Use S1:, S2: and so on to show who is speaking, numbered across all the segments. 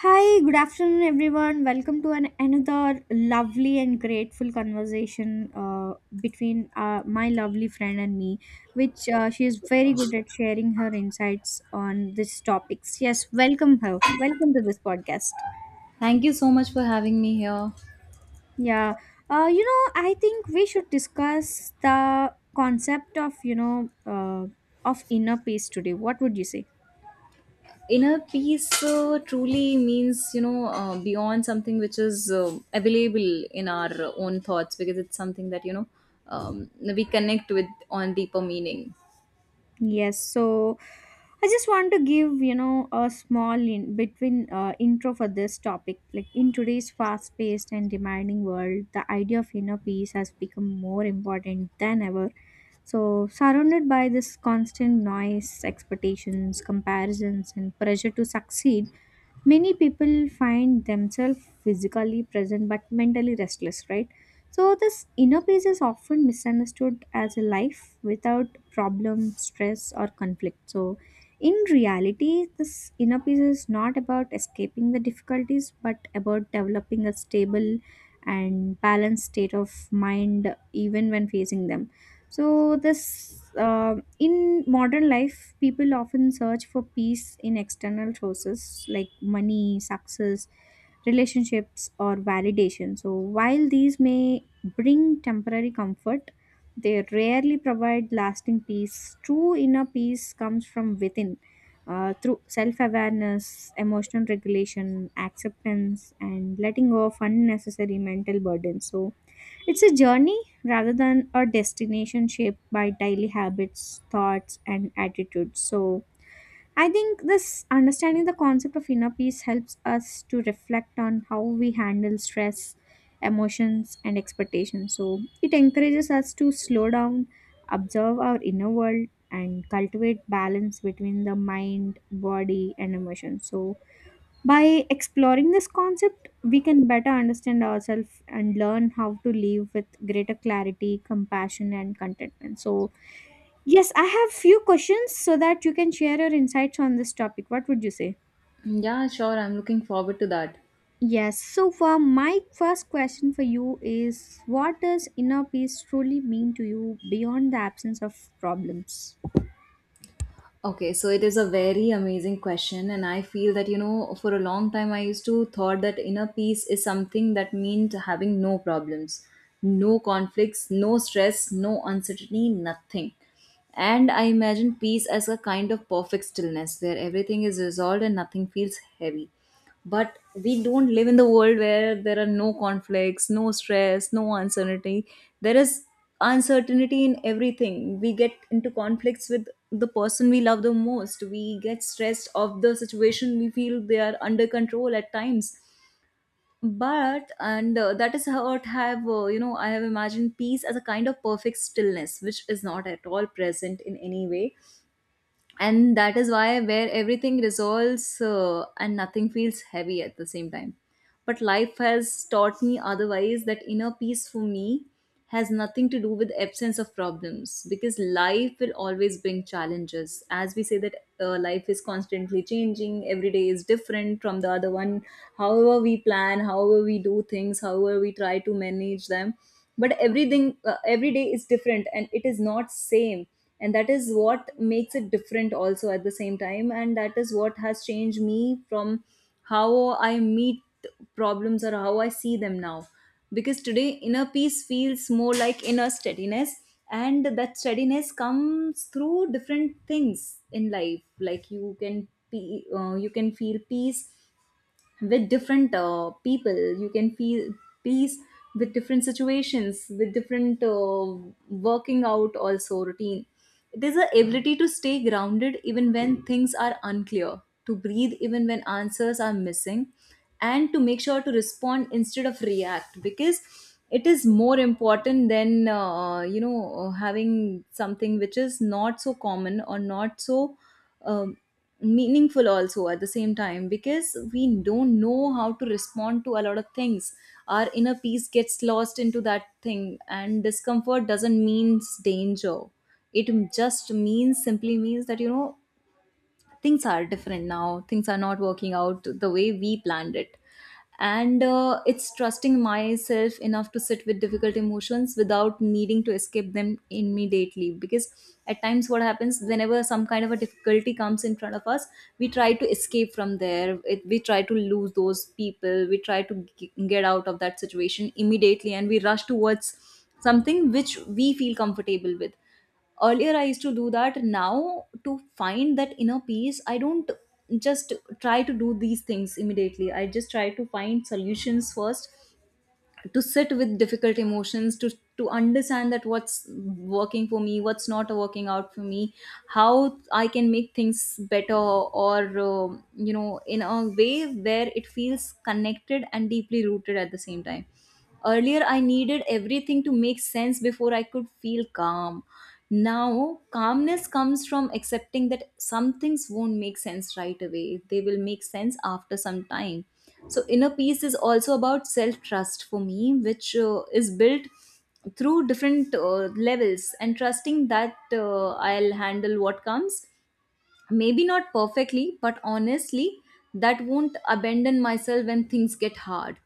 S1: Hi, good afternoon, everyone. Welcome to an another lovely and grateful conversation between my lovely friend and me, which she is very good at sharing her insights on these topics. Yes, welcome her. Welcome to this podcast.
S2: Thank you so much for having me here.
S1: Yeah, I think we should discuss the concept of of inner peace today. What would you say?
S2: Inner peace truly means, beyond something which is available in our own thoughts, because it's something that, we connect with on deeper meaning.
S1: Yes, so I just want to give a small in between intro for this topic. Like, in today's fast-paced and demanding world, the idea of inner peace has become more important than ever. So, surrounded by this constant noise, expectations, comparisons, and pressure to succeed, many people find themselves physically present but mentally restless, right? So this inner peace is often misunderstood as a life without problem, stress, or conflict. So in reality, this inner peace is not about escaping the difficulties but about developing a stable and balanced state of mind even when facing them. So this um, in modern life, people often search for peace in external sources like money, success, relationships, or validation. So, while these may bring temporary comfort, they rarely provide lasting peace. True inner peace comes from within through self awareness, emotional regulation, acceptance, and letting go of unnecessary mental burdens. So, it's a journey rather than a destination shaped by daily habits, thoughts, and attitudes. So, I think this understanding the concept of inner peace helps us to reflect on how we handle stress, emotions, and expectations. So, it encourages us to slow down, observe our inner world, and cultivate balance between the mind, body, and emotion. So, by exploring this concept, we can better understand ourselves and learn how to live with greater clarity, compassion, and contentment. So, yes, I have few questions so that you can share your insights on this topic. What would you say?
S2: Yeah, sure. I'm looking forward to that.
S1: Yes. So, for my first question for you is, what does inner peace truly mean to you beyond the absence of problems?
S2: Okay, so it is a very amazing question, and I feel that, you know, for a long time, I used to thought that inner peace is something that meant having no problems, no conflicts, no stress, no uncertainty, nothing. And I imagined peace as a kind of perfect stillness where everything is resolved and nothing feels heavy. But we don't live in the world where there are no conflicts, no stress, no uncertainty. There is uncertainty in everything. We get into conflicts with the person we love the most. We get stressed of the situation, we feel they are under control at times. But and that is how it have, you know, I have imagined peace as a kind of perfect stillness, which is not at all present in any way, and that is why where everything resolves, and nothing feels heavy at the same time. But life has taught me otherwise, that inner peace, for me, has nothing to do with absence of problems, because life will always bring challenges. As we say that, life is constantly changing. Every day is different from the other one. However we plan, however we do things, however we try to manage them, but everything, every day is different, and it is not same. And that is what makes it different also at the same time, and that is what has changed me from how I meet problems or how I see them now, because today inner peace feels more like inner steadiness. And that steadiness comes through different things in life. Like, you can be, you can feel peace with different people. You can feel peace with different situations, with different, working out also routine. It is the ability to stay grounded even when things are unclear, to breathe even when answers are missing, and to make sure to respond instead of react, because it is more important than, you know, having something which is not so common or not so um, meaningful also at the same time, because we don't know how to respond to a lot of things. Our inner peace gets lost into that thing. And discomfort doesn't mean danger. It just means, simply means that, you know, things are different now, things are not working out the way we planned it. And it's trusting myself enough to sit with difficult emotions without needing to escape them immediately, because at times what happens, whenever some kind of a difficulty comes in front of us, we try to escape from there, it, we try to lose those people, we try to get out of that situation immediately, and we rush towards something which we feel comfortable with. Earlier I used to do that. Now, to find that inner peace, I don't just try to do these things immediately. I just try to find solutions first, to sit with difficult emotions, to understand that what's working for me, what's not working out for me, how I can make things better, or you know, in a way where it feels connected and deeply rooted at the same time. Earlier, I needed everything to make sense before I could feel calm. Now, calmness comes from accepting that some things won't make sense right away, they will make sense after some time. So, inner peace is also about self trust for me, which is built through different levels, and trusting that I'll handle what comes, maybe not perfectly but honestly, that won't abandon myself when things get hard.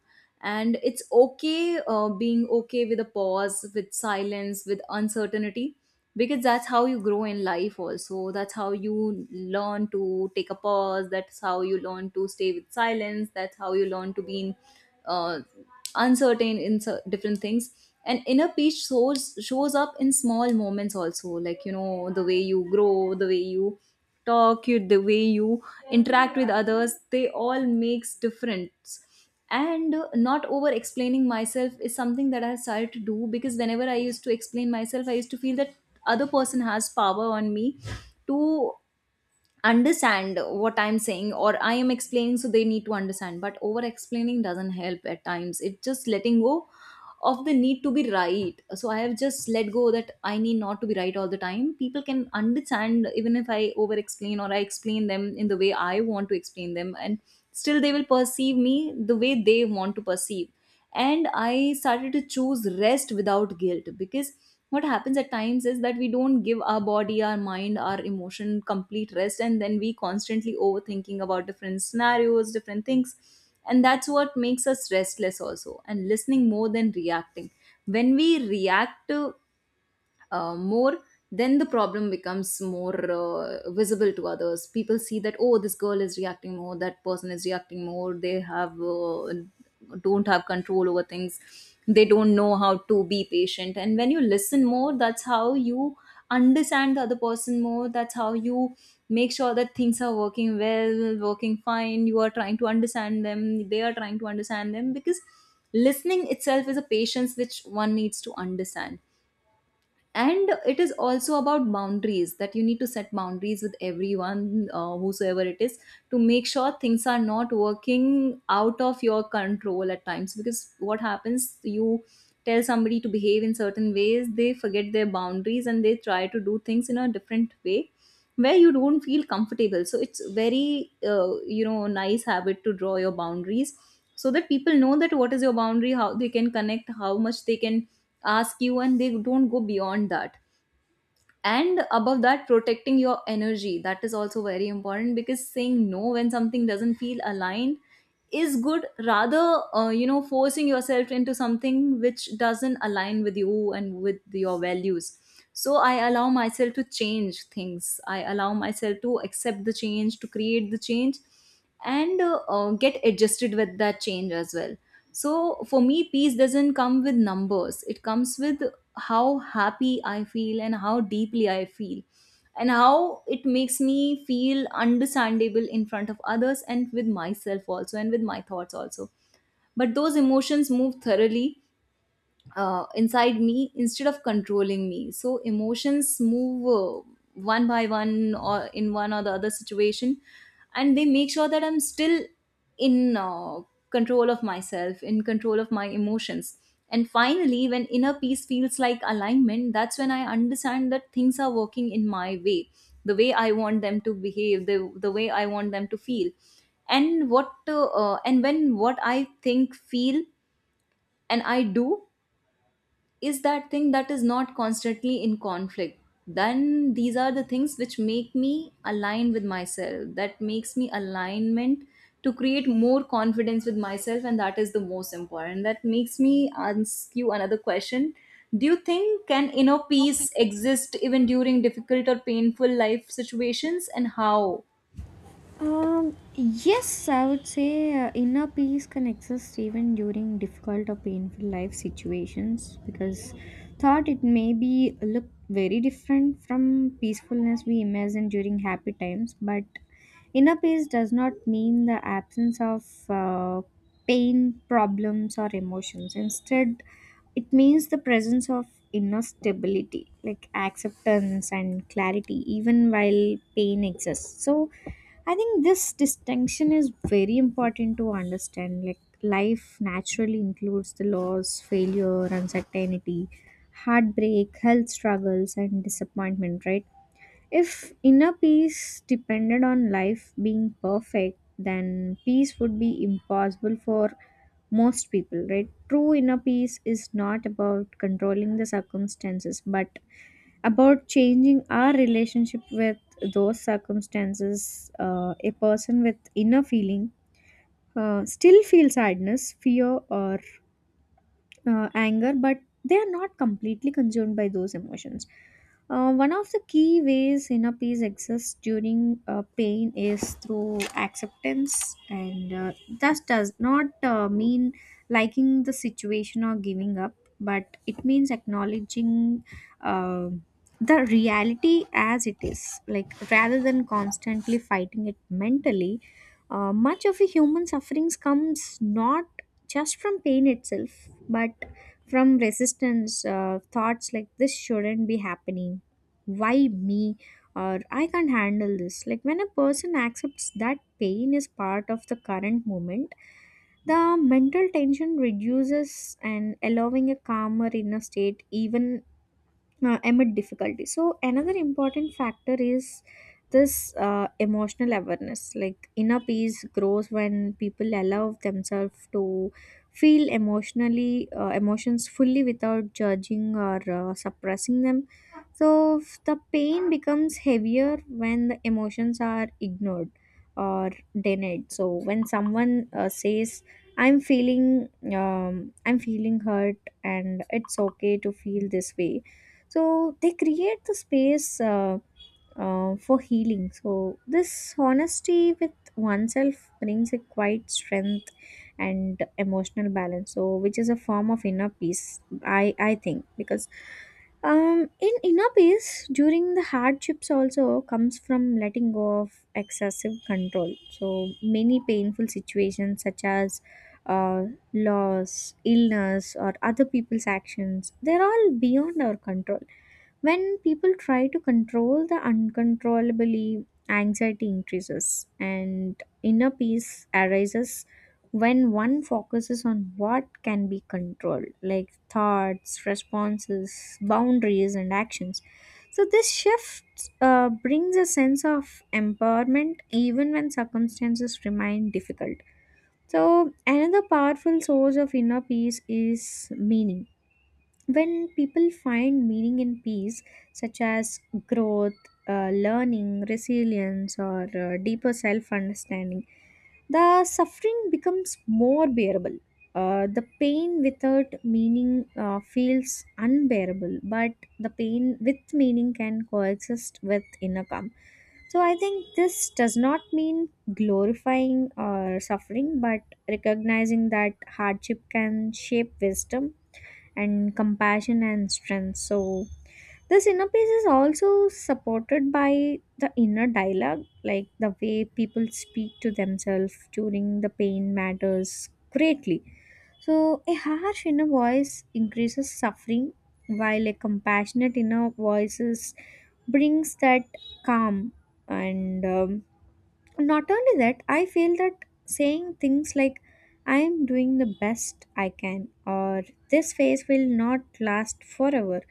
S2: And it's okay, being okay with a pause, with silence, with uncertainty, because that's how you grow in life also. That's how you learn to take a pause, that's how you learn to stay with silence, that's how you learn to be in uh, uncertain in different things. And inner peace shows up in small moments also, like, you know, the way you grow, the way you talk you, the way you interact with others, they all makes difference. And not over explaining myself is something that I have started to do, because whenever I used to explain myself, I used to feel that other person has power on me to understand what I'm saying or I am explaining, so they need to understand. But over explaining doesn't help at times. It's just letting go of the need to be right. So I have just let go that I need not to be right all the time. People can understand, even if I over explain or I explain them in the way I want to explain them, and still they will perceive me the way they want to perceive. And I started to choose rest without guilt, because what happens at times is that we don't give our body, our mind, our emotion complete rest, and then we constantly overthinking about different scenarios, different things. And that's what makes us restless also. And listening more than reacting, when we react to more, then the problem becomes more visible to others. People see that, oh, this girl is reacting more, that person is reacting more, they have don't have control over things, they don't know how to be patient. And when you listen more, that's how you understand the other person more, that's how you make sure that things are working well, working fine, you are trying to understand them, they are trying to understand them, because listening itself is a patience which one needs to understand. And it is also about boundaries, that you need to set boundaries with everyone, whosoever it is, to make sure things are not working out of your control at times. Because what happens, you tell somebody to behave in certain ways, they forget their boundaries, and they try to do things in a different way where you don't feel comfortable. So it's very, you know, nice habit to draw your boundaries, so that people know that what is your boundary, how they can connect, how much they can ask you, and they don't go beyond that. And above that, protecting your energy, that is also very important, because saying no when something doesn't feel aligned is good, rather you know, forcing yourself into something which doesn't align with you and with your values. So I allow myself to change things, I allow myself to accept the change, to create the change, and get adjusted with that change as well. So for me, peace doesn't come with numbers. It comes with how happy I feel and how deeply I feel, and how it makes me feel understandable in front of others, and with myself also, and with my thoughts also. But those emotions move thoroughly inside me instead of controlling me. So emotions move one by one or in one or the other situation, and they make sure that I'm still in control of myself, in control of my emotions. And finally, when inner peace feels like alignment, that's when I understand that things are working in my way, the way I want them to behave, the way I want them to feel. And what and when what I think, feel, and I do is that thing, that is not constantly in conflict, then these are the things which make me align with myself, that makes me alignment to create more confidence with myself. And that is the most important, that makes me ask you another question: do you think, can inner peace exist even during difficult or painful life situations, and how?
S1: Yes, I would say inner peace can exist even during difficult or painful life situations because thought it may be look very different from peacefulness we imagine during happy times, but inner peace does not mean the absence of uh, pain, problems, or emotions. Instead, it means the presence of inner stability, like acceptance and clarity, even while pain exists. So I think this distinction is very important to understand. Like, life naturally includes the loss, failure, uncertainty, heartbreak, health struggles, and disappointment, right? If inner peace depended on life being perfect, then peace would be impossible for most people, right? True inner peace is not about controlling the circumstances, but about changing our relationship with those circumstances. A person with inner feeling still feels sadness, fear, or anger, but they are not completely consumed by those emotions. One of the key ways inner peace exists during pain is through acceptance, and that does not mean liking the situation or giving up, but it means acknowledging uh, the reality as it is. Like, rather than constantly fighting it mentally, much of a human sufferings comes not just from pain itself but from resistance. Thoughts like, this shouldn't be happening, why me, or I can't handle this. Like, when a person accepts that pain is part of the current moment, the mental tension reduces and allowing a calmer inner state even amid difficulty. So another important factor is this emotional awareness. Like, inner peace grows when people allow themselves to feel emotionally emotions fully without judging or suppressing them. So the pain becomes heavier when the emotions are ignored or denied. So when someone says, "I'm feeling, um, I'm feeling hurt, and it's okay to feel this way," so they create the space for healing. So, this honesty with oneself brings a quiet strength and emotional balance. So, which is a form of inner peace, I think, because in inner peace, during the hardships also comes from letting go of excessive control. So, many painful situations, such as uh, loss, illness, or other people's actions, they're all beyond our control. When people try to control the uncontrollably, anxiety increases and inner peace arises when one focuses on what can be controlled, like thoughts, responses, boundaries, and actions. So, this shift brings a sense of empowerment even when circumstances remain difficult. So, another powerful source of inner peace is meaning. When people find meaning in peace, such as growth, learning, resilience, or deeper self understanding, the suffering becomes more bearable. The pain without meaning feels unbearable, but the pain with meaning can coexist with inner calm. So I think this does not mean glorifying or suffering but recognizing that hardship can shape wisdom and compassion and strength. So, this inner peace is also supported by the inner dialogue, like the way people speak to themselves during the pain matters greatly. So, a harsh inner voice increases suffering, while a compassionate inner voice brings that calm. And not only that, I feel that saying things like, I am doing the best I can, or this phase will not last forever.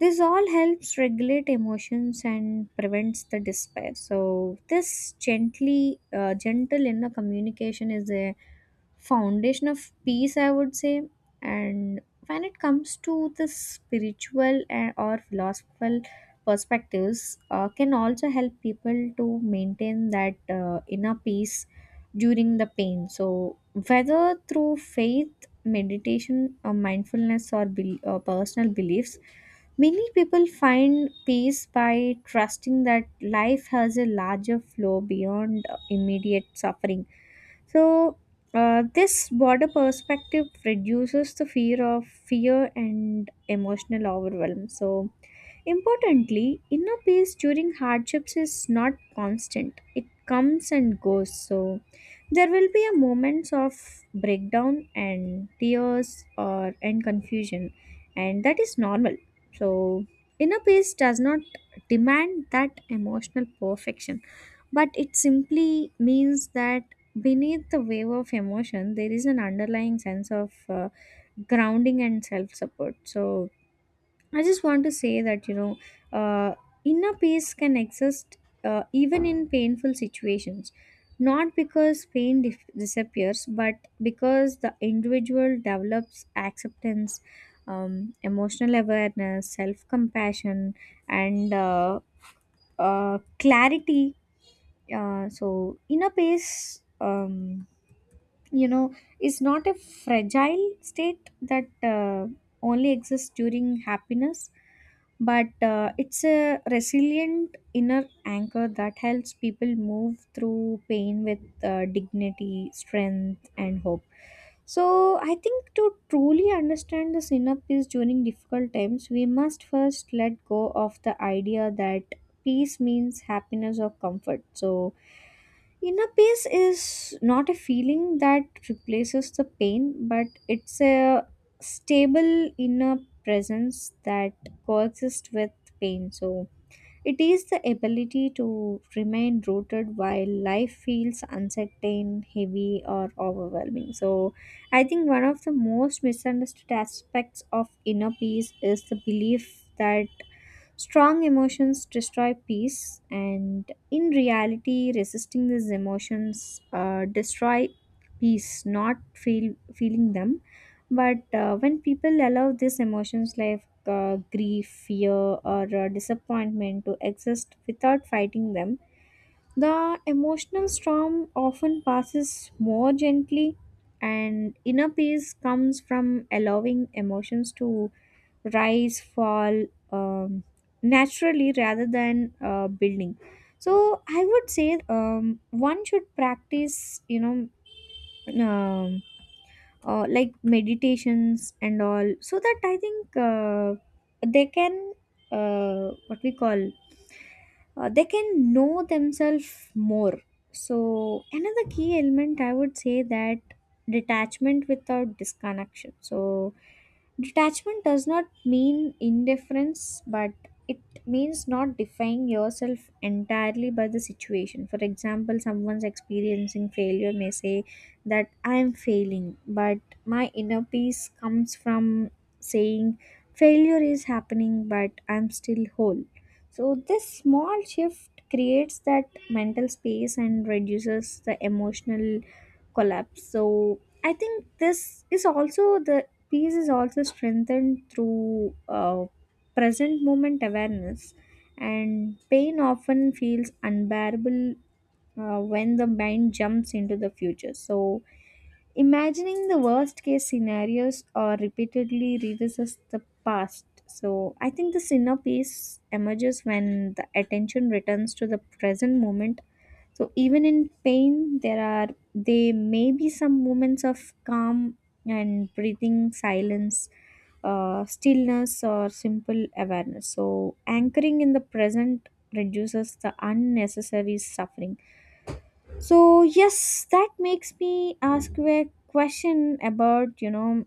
S1: This all helps regulate emotions and prevents the despair. So, this gentle inner communication is a foundation of peace, I would say. And when it comes to the spiritual and or philosophical perspectives can also help people to maintain that inner peace during the pain. So whether through faith, meditation, or mindfulness, or bel personal beliefs, many people find peace by trusting that life has a larger flow beyond immediate suffering. So this broader perspective reduces the fear of fear and emotional overwhelm. So, importantly, inner peace during hardships is not constant, it comes and goes. So, there will be a moments of breakdown and tears, or and confusion, and that is normal. So, inner peace does not demand that emotional perfection, but it simply means that beneath the wave of emotion there is an underlying sense of uh, grounding and self support. So I just want to say that you know uh, inner peace can exist even in painful situations, not because disappears but because the individual develops acceptance, um, emotional awareness, self compassion, and uh, clarity. So inner peace, you know, is not a fragile state that only exists during happiness, but it's a resilient inner anchor that helps people move through pain with dignity, strength, and hope. So, I think to truly understand the synapse during difficult times, we must first let go of the idea that peace means happiness or comfort. So, inner peace is not a feeling that replaces the pain, but it's a stable inner presence that coexists with pain. So, it is the ability to remain rooted while life feels uncertain, heavy, or overwhelming. So, I think one of the most misunderstood aspects of inner peace is the belief that strong emotions destroy peace, and in reality, resisting these emotions destroy peace, not feeling them. But when people allow these emotions, like grief, fear, or disappointment to exist without fighting them. The emotional storm often passes more gently, and inner peace comes from allowing emotions to rise, fall, um, naturally rather than building. So I would say one should practice, you know, um, like, meditations and all so that I think they can what we call they can know themselves more. So, another key element I would say that detachment without disconnection. So, detachment does not mean indifference, but it means not defying yourself entirely by the situation. For example, someone's experiencing failure may say that I am failing, but my inner peace comes from saying failure is happening, but I'm still whole. So, this small shift creates that mental space and reduces the emotional collapse. So, I think this is also the peace is also strengthened through present moment awareness, and pain often feels unbearable when the mind jumps into the future. So, imagining the worst case scenarios or repeatedly revisits the past. So I think the inner peace emerges when the attention returns to the present moment. So even in pain, there are they may be some moments of calm and breathing, silence, stillness, or simple awareness. So anchoring in the present reduces the unnecessary suffering. So yes, that makes me ask you a question about you know.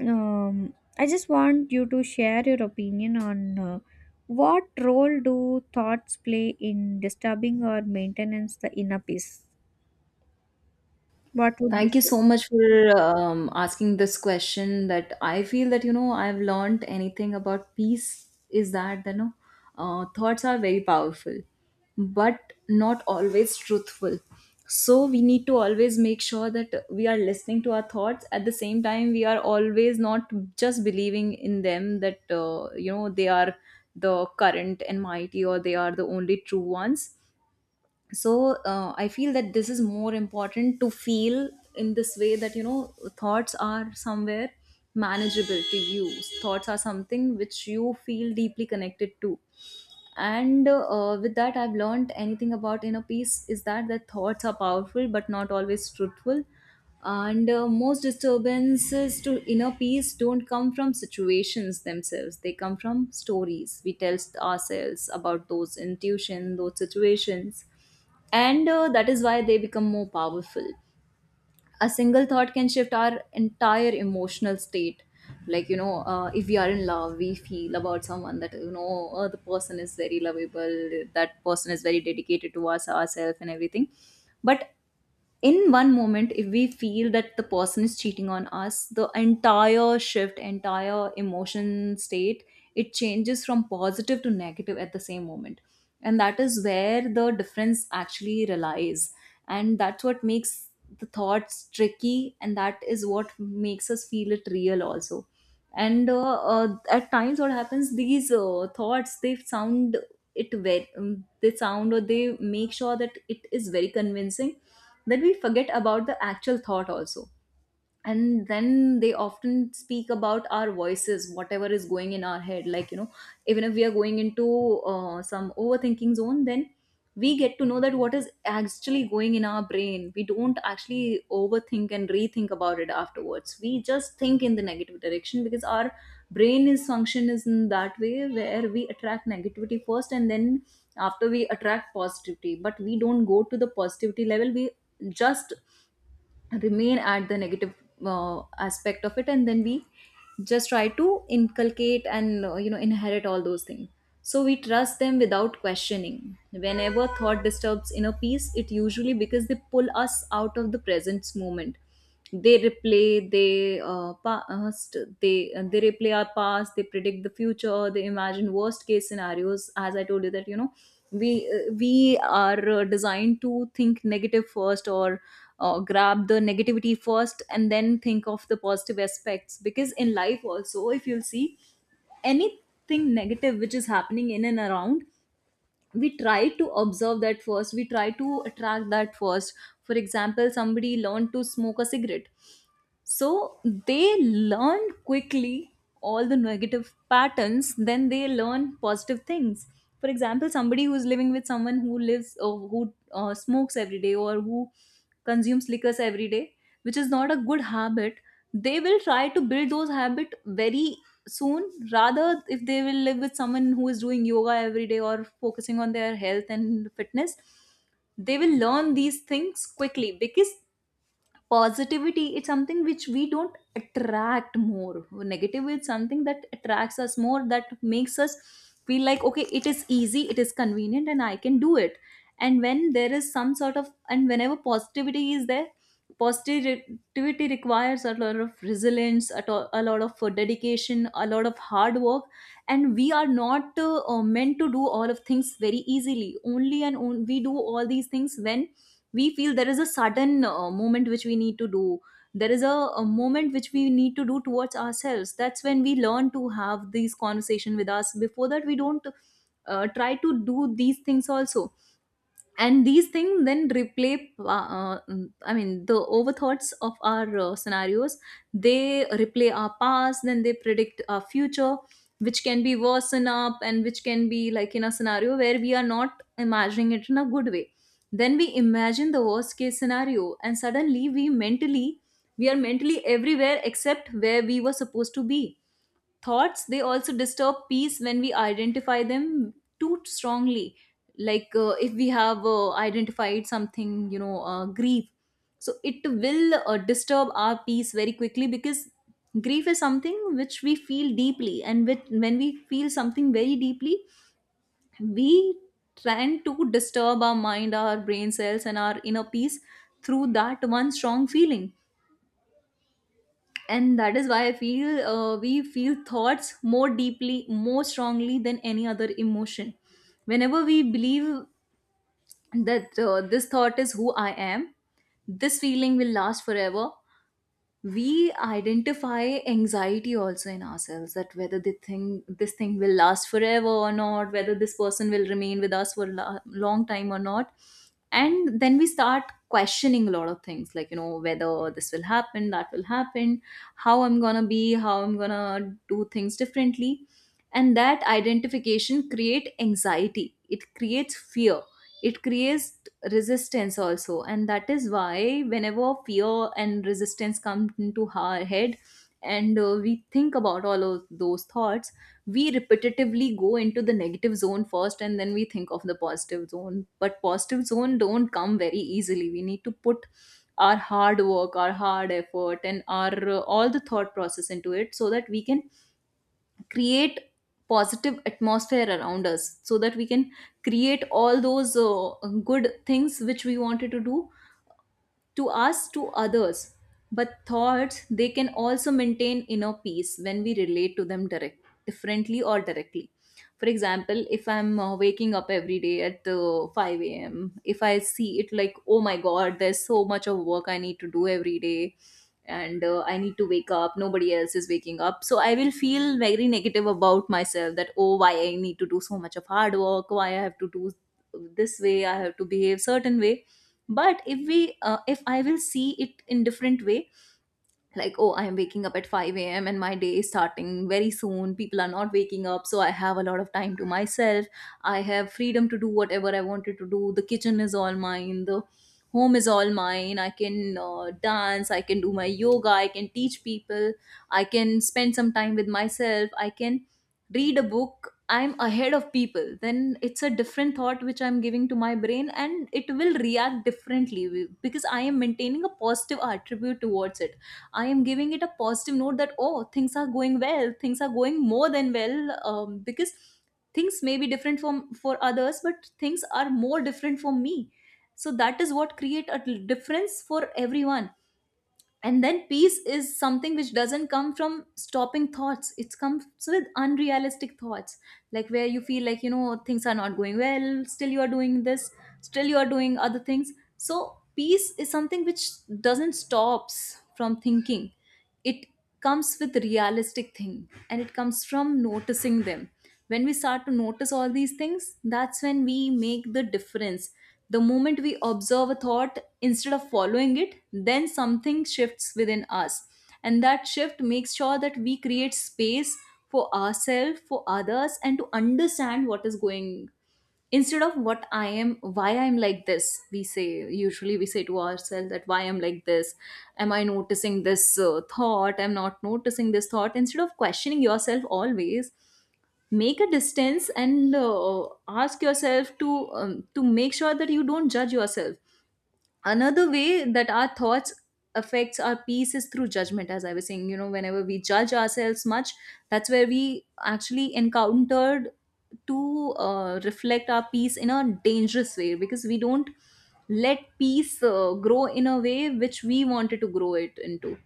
S1: I just want you to share your opinion on what role do thoughts play in disturbing or maintenance the inner peace. What would you
S2: Thank you
S1: say?
S2: so much for asking this question. That I feel that, you know, I've learned anything about peace is that, you know, thoughts are very powerful, but not always truthful. So we need to always make sure that we are listening to our thoughts. At the same time, we are always not just believing in them that they are the current and mighty, or they are the only true ones. So I feel that this is more important to feel in this way, that thoughts are somewhere manageable to you. Thoughts are something which you feel deeply connected to, and with that, I've learned anything about inner peace is that the thoughts are powerful but not always truthful. And most disturbances to inner peace don't come from situations themselves; they come from stories we tell ourselves about those intuition, those situations. And that is why they become more powerful. A single thought can shift our entire emotional state. Like, if we are in love, we feel about someone that, the person is very lovable, that person is very dedicated to us, ourselves, and everything. But in one moment, if we feel that the person is cheating on us, the entire shift, entire emotion state, it changes from positive to negative at the same moment. And that is where the difference actually relies. And that's what makes the thoughts tricky, and that is what makes us feel it real also. And at times what happens, these thoughts, it very um, they sound, or they make sure that it is very convincing, that we forget about the actual thought also. And then they often speak about our voices, whatever is going in our head, even if we are going into some overthinking zone, then we get to know that what is actually going in our brain. We don't actually overthink and rethink about it afterwards; we just think in the negative direction, because our brain is function is in that way, where we attract negativity first, and then after we attract positivity. But we don't go to the positivity level; we just remain at the negative aspect of it. And then we just try to inculcate and inherit all those things. So we trust them without questioning. Whenever thought disturbs inner peace, it usually because they pull us out of the present moment. They replay our past, they predict the future, they imagine worst case scenarios. As I told you, that we are designed to think negative first, or grab the negativity first, and then think of the positive aspects, because in life also, if you'll see anything negative which is happening in and around, we try to observe that first, we try to attract that first. For example, somebody learned to smoke a cigarette, so they learn quickly all the negative patterns, then they learn positive things. For example, somebody who's living with someone who smokes every day, or who consumes liquors every day, which is not a good habit, they will try to build those habit very soon. Rather, if they will live with someone who is doing yoga every day or focusing on their health and fitness, they will learn these things quickly, because positivity is something which we don't attract more. Negative is something that attracts us more, that makes us feel like, okay, it is easy, it is convenient, and I can do it. And when there is some sort of, and whenever positivity is there, positivity requires a lot of resilience, a lot of dedication, a lot of hard work. And we are not meant to do all of things very easily only, and we do all these things when we feel there is a sudden moment which we need to do. There is a moment which we need to do towards ourselves, that's when we learn to have these conversation with us. Before that, we don't try to do these things also. And these things then replay, I mean, the overthoughts of our scenarios, they replay our past, then they predict our future, which can be worsen up, and which can be like in a scenario where we are not imagining it in a good way. Then we imagine the worst case scenario, and suddenly we mentally, we are mentally everywhere except where we were supposed to be. Thoughts, they also disturb peace when we identify them too strongly. Like, if we have identified something, grief, so it will disturb our peace very quickly, because grief is something which we feel deeply, and, when we feel something very deeply, we tend to disturb our mind, our brain cells, and our inner peace through that one strong feeling. And that is why I feel, we feel thoughts more deeply, more strongly than any other emotion. Whenever we believe that this thought is who I am, this feeling will last forever, we identify anxiety also in ourselves, that whether the thing, this thing will last forever or not, whether this person will remain with us for a long time or not. And then we start questioning a lot of things, whether this will happen, that will happen, how I'm gonna be, how I'm gonna do things differently. And that identification create anxiety, it creates fear, it creates resistance also. And that is why, whenever fear and resistance come into our head, and we think about all of those thoughts, we repetitively go into the negative zone first, and then we think of the positive zone. But positive zone don't come very easily; we need to put our hard work, our hard effort, and our all the thought process into it, so that we can create positive atmosphere around us, so that we can create all those good things which we wanted to do to us, to others. But thoughts, they can also maintain inner peace when we relate to them differently or directly. For example, if I'm waking up every day at 5 a.m., if I see it like, oh my god, there's so much of work I need to do every day, and I need to wake up, nobody else is waking up. So I will feel very negative about myself that, oh, why I need to do so much of hard work, why I have to do this way, I have to behave certain way. But if I will see it in different way, like, oh, I am waking up at 5 a.m., and my day is starting very soon, people are not waking up, so I have a lot of time to myself. I have freedom to do whatever I wanted to do. The kitchen is all mine, the home is all mine, I can dance, I can do my yoga, I can teach people, I can spend some time with myself, I can read a book. I'm ahead of people. Then it's a different thought which I'm giving to my brain, and it will react differently, because I am maintaining a positive attribute towards it. I am giving it a positive note that, oh, things are going well, things are going more than well, because things may be different from for others, but things are more different for me. So that is what create a difference for everyone. And then peace is something which doesn't come from stopping thoughts. It comes with unrealistic thoughts, like where you feel like, things are not going well, still you are doing this, still you are doing other things. So peace is something which doesn't stops from thinking; it comes with realistic thing, and it comes from noticing them. When we start to notice all these things, that's when we make the difference. The moment we observe a thought instead of following it, then something shifts within us. And that shift makes sure that we create space for ourselves, for others, and to understand what is going, instead of what I am, why I'm like this. We say, usually we say to ourselves that, why I'm like this, am I noticing this thought, I'm not noticing this thought. Instead of questioning yourself, always make a distance, and ask yourself to make sure that you don't judge yourself. Another way that our thoughts affects our peace is through judgment. As I was saying, whenever we judge ourselves much, that's where we actually encountered to reflect our peace in a dangerous way, because we don't let peace grow in a way which we wanted to grow it into.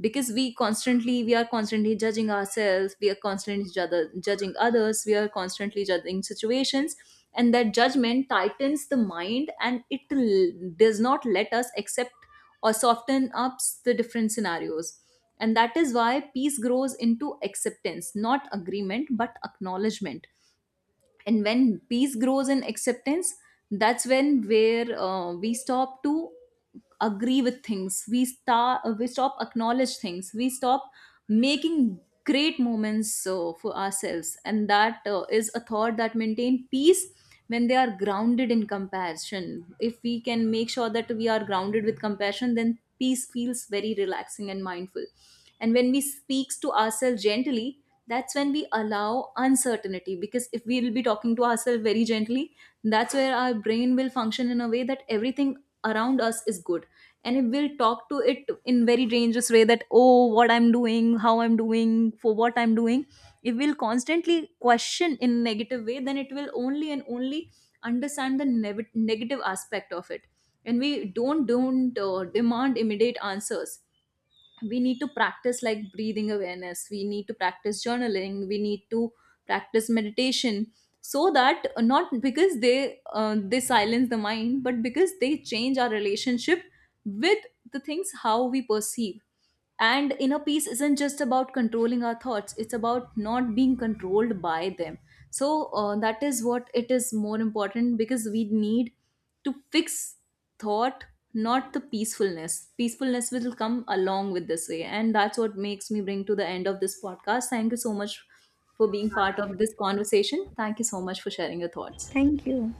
S2: Because, we are constantly judging ourselves, we are constantly judging others, we are constantly judging situations, and that judgment tightens the mind, and it does not let us accept or soften up the different scenarios. And that is why peace grows into acceptance, not agreement but acknowledgement. And when peace grows in acceptance, that's when where we stop to agree with things, we stop acknowledge things, we stop making great moments for ourselves. And that is a thought that maintain peace when they are grounded in compassion. If we can make sure that we are grounded with compassion, then peace feels very relaxing and mindful. And when we speaks to ourselves gently, that's when we allow uncertainty, because if we will be talking to ourselves very gently, that's where our brain will function in a way that everything around us is good. And it will talk to it in very dangerous way, that, oh, what I'm doing, how I'm doing, for what I'm doing, it will constantly question in negative way, then it will only and only understand the negative aspect of it. And we don't demand immediate answers. We need to practice, like, breathing awareness, we need to practice journaling, we need to practice meditation, so that, not because they silence the mind, but because they change our relationship with the things, how we perceive. And inner peace isn't just about controlling our thoughts; it's about not being controlled by them. So that is what it is more important, because we need to fix thought, not the peacefulness. Peacefulness will come along with this way. And that's what makes me bring to the end of this podcast. Thank you so much for being part of this conversation. Thank you so much for sharing your thoughts.
S1: Thank you.